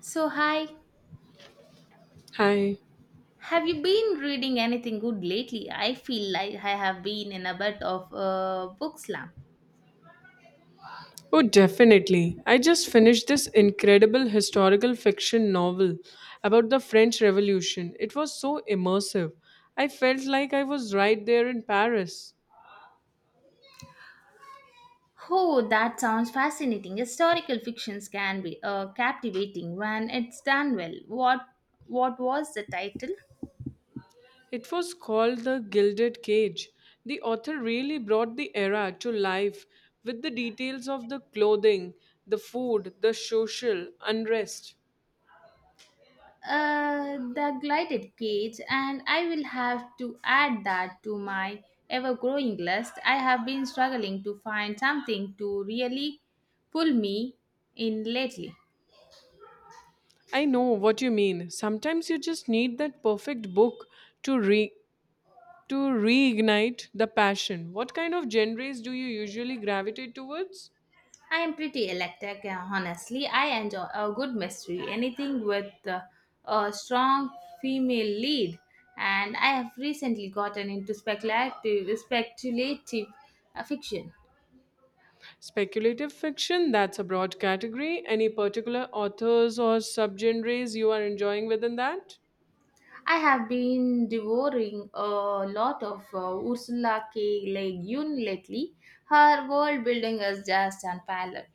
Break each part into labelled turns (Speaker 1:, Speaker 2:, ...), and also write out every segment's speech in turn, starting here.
Speaker 1: So, hi.
Speaker 2: Hi.
Speaker 1: Have you been reading anything good lately? I feel like I have been in a bit of a book slump.
Speaker 2: Oh, definitely. I just finished this incredible historical fiction novel about the French Revolution. It was so immersive. I felt like I was right there in Paris.
Speaker 1: Oh, that sounds fascinating. Historical fictions can be captivating when it's done well. What was the title?
Speaker 2: It was called The Gilded Cage. The author really brought the era to life with the details of the clothing, the food, the social unrest.
Speaker 1: The Glided Cage, and I will have to add that to my ever growing list. I have been struggling to find something to really pull me in lately.
Speaker 2: I know what you mean. Sometimes you just need that perfect book to re- to reignite the passion. What kind of genres do you usually gravitate towards?
Speaker 1: I am pretty eclectic, honestly. I enjoy a good mystery, anything with a strong female lead. And I have recently gotten into speculative fiction.
Speaker 2: Speculative fiction, that's a broad category. Any particular authors or subgenres you are enjoying within that?
Speaker 1: I have been devouring a lot of Ursula K. Le Guin lately. Her world building is just unparalleled.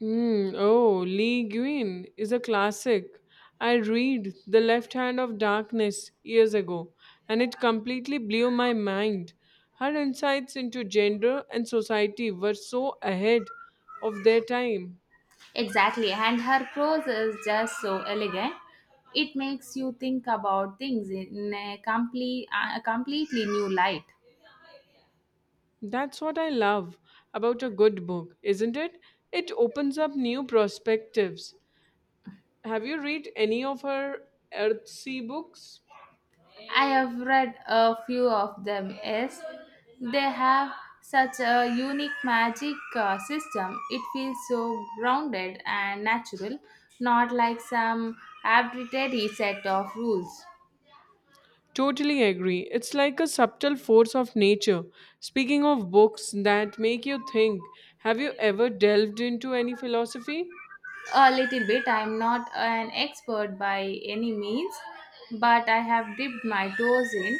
Speaker 2: Hmm. Oh, Lee Guin is a classic. I read The Left Hand of Darkness years ago, and it completely blew my mind. Her insights into gender and society were so ahead of their time.
Speaker 1: Exactly, and her prose is just so elegant. It makes you think about things in a completely new light.
Speaker 2: That's what I love about a good book, isn't it? It opens up new perspectives. Have you read any of her Earthsea books?
Speaker 1: I have read a few of them. Yes, they have such a unique magic system. It feels so grounded and natural, not like some arbitrary set of rules.
Speaker 2: Totally agree. It's like a subtle force of nature. Speaking of books that make you think, have you ever delved into any philosophy?
Speaker 1: A little bit. I'm not an expert by any means, but I have dipped my toes in.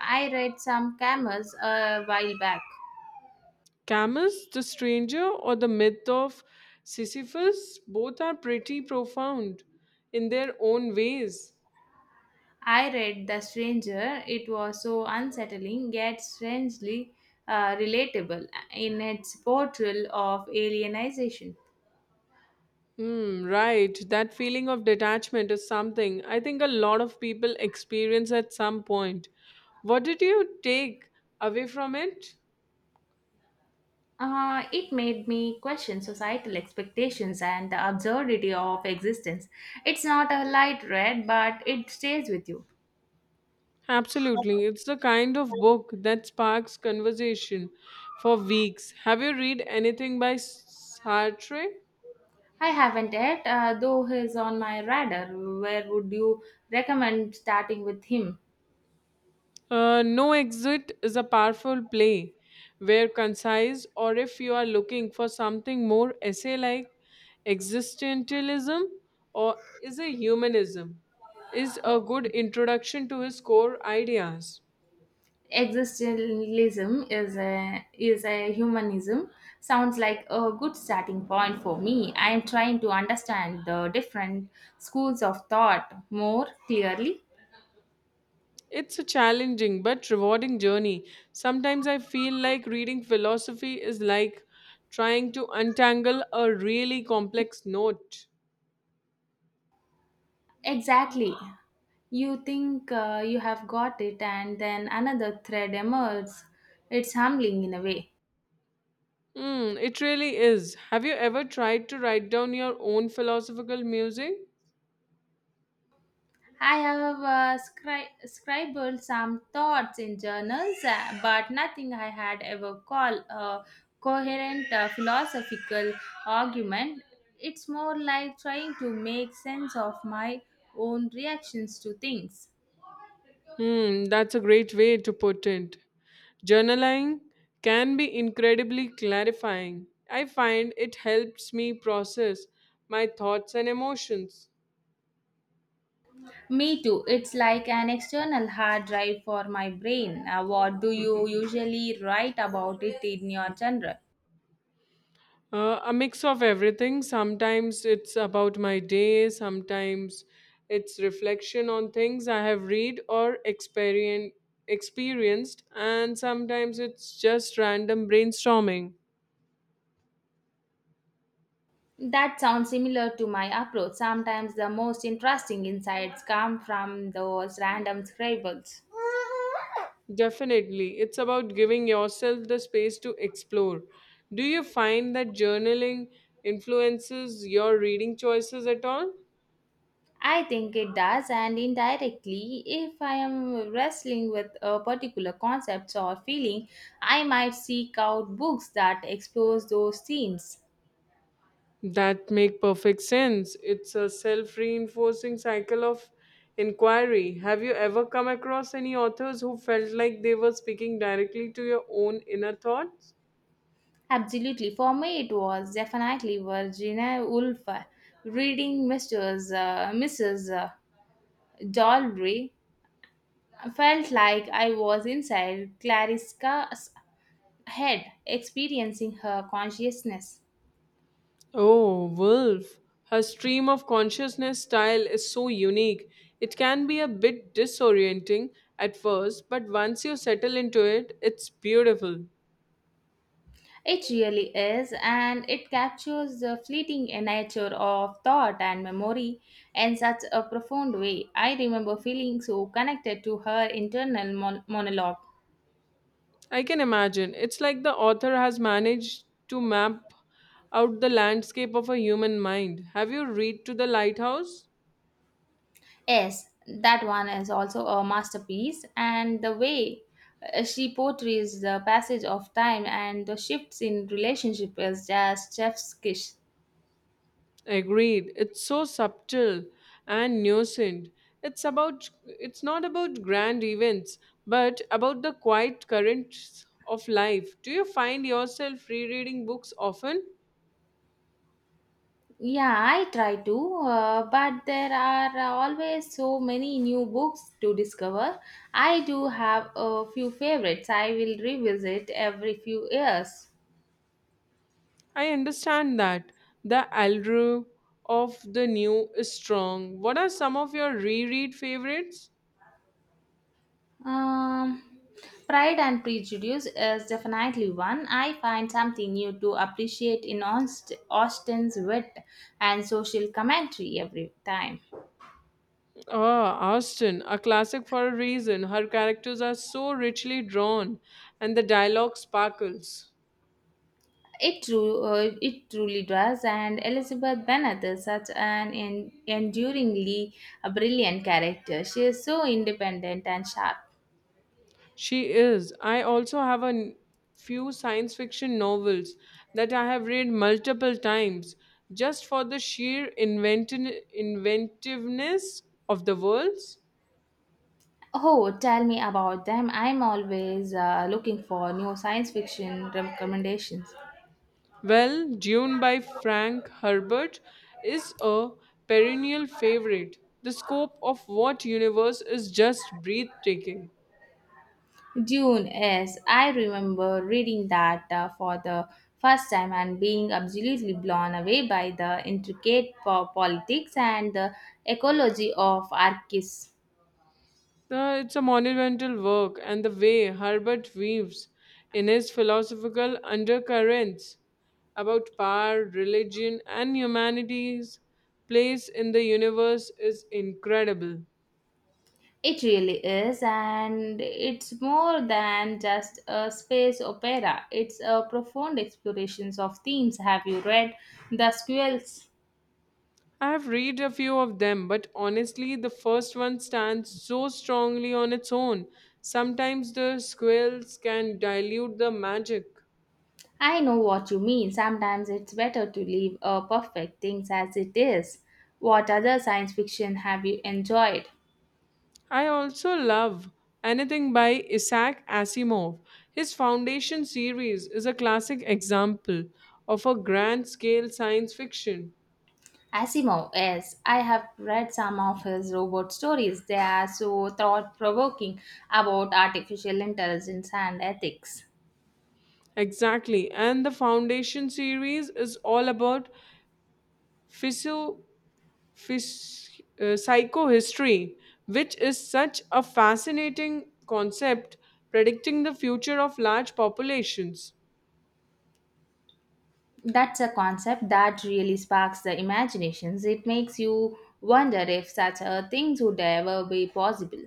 Speaker 1: I read some Camus a while back.
Speaker 2: Camus, The Stranger, or The Myth of Sisyphus? Both are pretty profound in their own ways.
Speaker 1: I read The Stranger. It was so unsettling, yet strangely relatable in its portrayal of alienization.
Speaker 2: Hmm, right. That feeling of detachment is something I think a lot of people experience at some point. What did you take away from it?
Speaker 1: It made me question societal expectations and the absurdity of existence. It's not a light read, but it stays with you.
Speaker 2: Absolutely. It's the kind of book that sparks conversation for weeks. Have you read anything by Sartre?
Speaker 1: I haven't yet, though he's on my radar. Where would you recommend starting with him?
Speaker 2: No Exit is a powerful play where concise, or if you are looking for something more essay like existentialism or is a humanism, is a good introduction to his core ideas.
Speaker 1: Existentialism is a humanism. Sounds like a good starting point for me. I am trying to understand the different schools of thought more clearly.
Speaker 2: It's a challenging but rewarding journey. Sometimes I feel like reading philosophy is like trying to untangle a really complex knot.
Speaker 1: Exactly. You think you have got it, and then another thread emerges. It's humbling in a way.
Speaker 2: Mm, it really is. Have you ever tried to write down your own philosophical music?
Speaker 1: I have scribbled some thoughts in journals, but nothing I had ever called a coherent philosophical argument. It's more like trying to make sense of my own reactions to things.
Speaker 2: Hmm, that's a great way to put it. Journaling can be incredibly clarifying. I find it helps me process my thoughts and emotions.
Speaker 1: Me too. It's like an external hard drive for my brain. What do you usually write about it in your journal?
Speaker 2: A mix of everything. Sometimes it's about my day, sometimes it's reflection on things I have read or experienced, and sometimes it's just random brainstorming.
Speaker 1: That sounds similar to my approach. Sometimes the most interesting insights come from those random scribbles.
Speaker 2: Definitely, it's about giving yourself the space to explore. Do you find that journaling influences your reading choices at all?
Speaker 1: I think it does, and indirectly, if I am wrestling with a particular concept or feeling, I might seek out books that explore those themes.
Speaker 2: That make perfect sense. It's a self-reinforcing cycle of inquiry. Have you ever come across any authors who felt like they were speaking directly to your own inner thoughts?
Speaker 1: Absolutely, for me, it was definitely Virginia Woolf. Reading Mrs. Dalry felt like I was inside Clariska's head experiencing her consciousness.
Speaker 2: Oh, Wolf. Her stream of consciousness style is so unique. It can be a bit disorienting at first, but once you settle into it, it's beautiful.
Speaker 1: It really is, and it captures the fleeting nature of thought and memory in such a profound way. I remember feeling so connected to her internal monologue.
Speaker 2: I can imagine. It's like the author has managed to map out the landscape of a human mind. Have you read To the Lighthouse?
Speaker 1: Yes, that one is also a masterpiece, and the way she portrays the passage of time and the shifts in relationship is just chef's kiss.
Speaker 2: Agreed. It's so subtle and nuanced. It's about it's not about grand events, but about the quiet currents of life. Do you find yourself rereading books often?
Speaker 1: Yeah, I try to, but there are always so many new books to discover. I do have a few favorites I will revisit every few years.
Speaker 2: I understand that. The allure of the new is strong. What are some of your reread favorites?
Speaker 1: Um, Pride and Prejudice is definitely one. I find something new to appreciate in Austen's wit and social commentary every time.
Speaker 2: Oh, Austin, a classic for a reason. Her characters are so richly drawn and the dialogue sparkles.
Speaker 1: It truly does, and Elizabeth Bennet is such an enduringly brilliant character. She is so independent and sharp.
Speaker 2: She is. I also have few science fiction novels that I have read multiple times just for the sheer inventiveness of the worlds.
Speaker 1: Oh, tell me about them. I'm always looking for new science fiction recommendations.
Speaker 2: Well, Dune by Frank Herbert is a perennial favorite. The scope of what universe is just breathtaking.
Speaker 1: Dune, yes, I remember reading that for the first time and being absolutely blown away by the intricate politics and the ecology of Arrakis.
Speaker 2: It's a monumental work, and the way Herbert weaves in his philosophical undercurrents about power, religion, and humanity's place in the universe is incredible.
Speaker 1: It really is, and it's more than just a space opera. It's a profound explorations of themes. Have you read The Squirrels?
Speaker 2: I have read a few of them, but honestly, the first one stands so strongly on its own. Sometimes the squirrels can dilute the magic.
Speaker 1: I know what you mean. Sometimes it's better to leave a perfect things as it is. What other science fiction have you enjoyed?
Speaker 2: I also love anything by Isaac Asimov. His Foundation series is a classic example of a grand scale science fiction.
Speaker 1: Asimov, yes. I have read some of his robot stories. They are so thought provoking about artificial intelligence and ethics.
Speaker 2: Exactly. And the Foundation series is all about physio, psychohistory, which is such a fascinating concept predicting the future of large populations.
Speaker 1: That's a concept that really sparks the imaginations. It makes you wonder if such a things would ever be possible.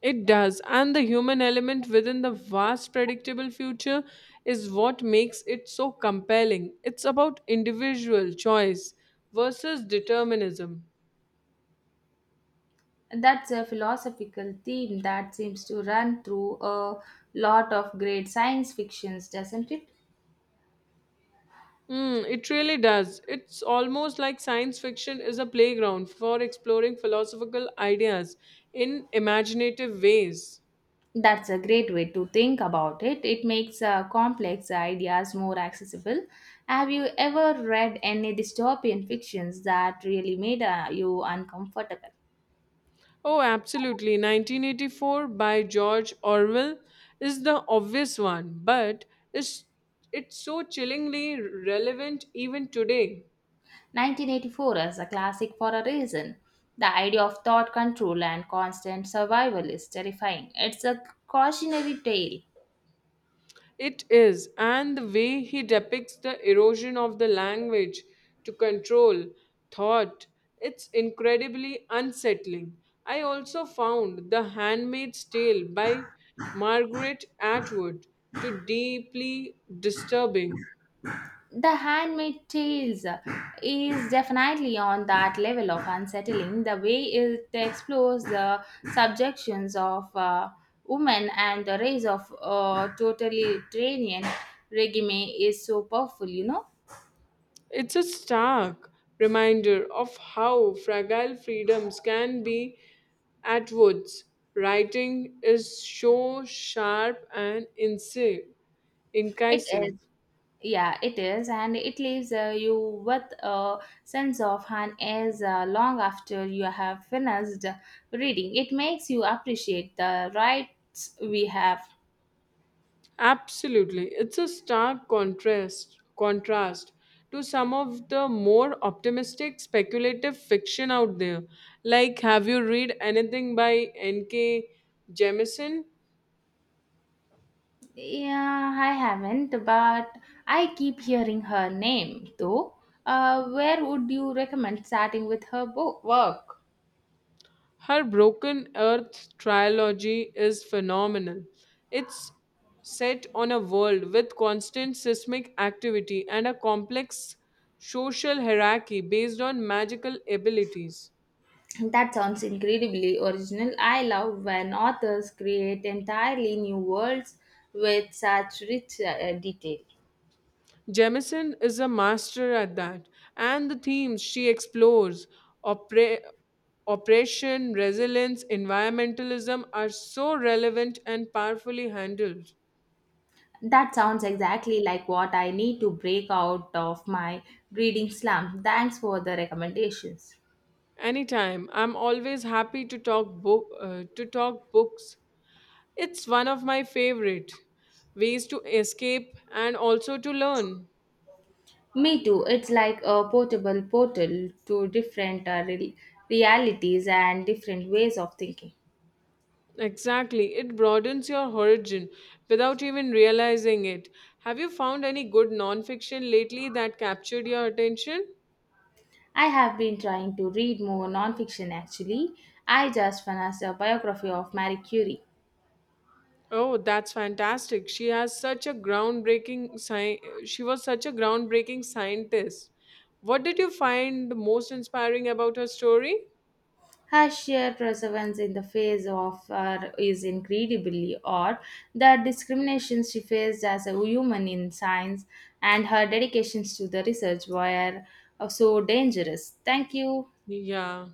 Speaker 2: It does, and the human element within the vast predictable future is what makes it so compelling. It's about individual choice versus determinism.
Speaker 1: That's a philosophical theme that seems to run through a lot of great science fictions, doesn't it?
Speaker 2: Mm, it really does. It's almost like science fiction is a playground for exploring philosophical ideas in imaginative ways.
Speaker 1: That's a great way to think about it. It makes complex ideas more accessible. Have you ever read any dystopian fictions that really made you uncomfortable?
Speaker 2: Oh, absolutely. 1984 by George Orwell is the obvious one, but it's, it's so chillingly relevant even today.
Speaker 1: 1984 is a classic for a reason. The idea of thought control and constant survival is terrifying. It's a cautionary tale.
Speaker 2: It is, and the way he depicts the erosion of the language to control thought, it's incredibly unsettling. I also found The Handmaid's Tale by Margaret Atwood to deeply disturbing.
Speaker 1: The Handmaid's Tales is definitely on that level of unsettling. The way it explores the subjections of women and the rise of a totalitarian regime is so powerful, you know.
Speaker 2: It's a stark reminder of how fragile freedoms can be at Woods. Writing is so sharp and
Speaker 1: It is.
Speaker 2: incisive.
Speaker 1: Yeah, it is, and it leaves you with a sense of an as long after you have finished reading. It makes you appreciate the rights we have.
Speaker 2: Absolutely. It's a stark contrast to some of the more optimistic speculative fiction out there. Like have you read anything by N.K. Jemisin?
Speaker 1: Yeah, I haven't, but I keep hearing her name though. Where would you recommend starting with her book work?
Speaker 2: Her Broken Earth trilogy is phenomenal. It's set on a world with constant seismic activity and a complex social hierarchy based on magical abilities.
Speaker 1: That sounds incredibly original. I love when authors create entirely new worlds with such rich detail.
Speaker 2: Jemison is a master at that, and the themes she explores oppre- oppression, resilience, environmentalism are so relevant and powerfully handled.
Speaker 1: That sounds exactly like what I need to break out of my reading slump. Thanks for the recommendations.
Speaker 2: Anytime. I'm always happy to talk book to talk books. It's one of my favorite ways to escape and also to learn.
Speaker 1: Me too. It's like a portable portal to different realities and different ways of thinking.
Speaker 2: Exactly. It broadens your horizon without even realizing it. Have you found any good nonfiction lately that captured your attention?
Speaker 1: I have been trying to read more nonfiction actually. I just finished a biography of Marie Curie.
Speaker 2: Oh, that's fantastic. She was such a groundbreaking scientist. What did you find most inspiring about her story?
Speaker 1: Her sheer perseverance in the face of her is incredibly odd. The discrimination she faced as a woman in science and her dedications to the research were so dangerous. Thank you.
Speaker 2: Yeah.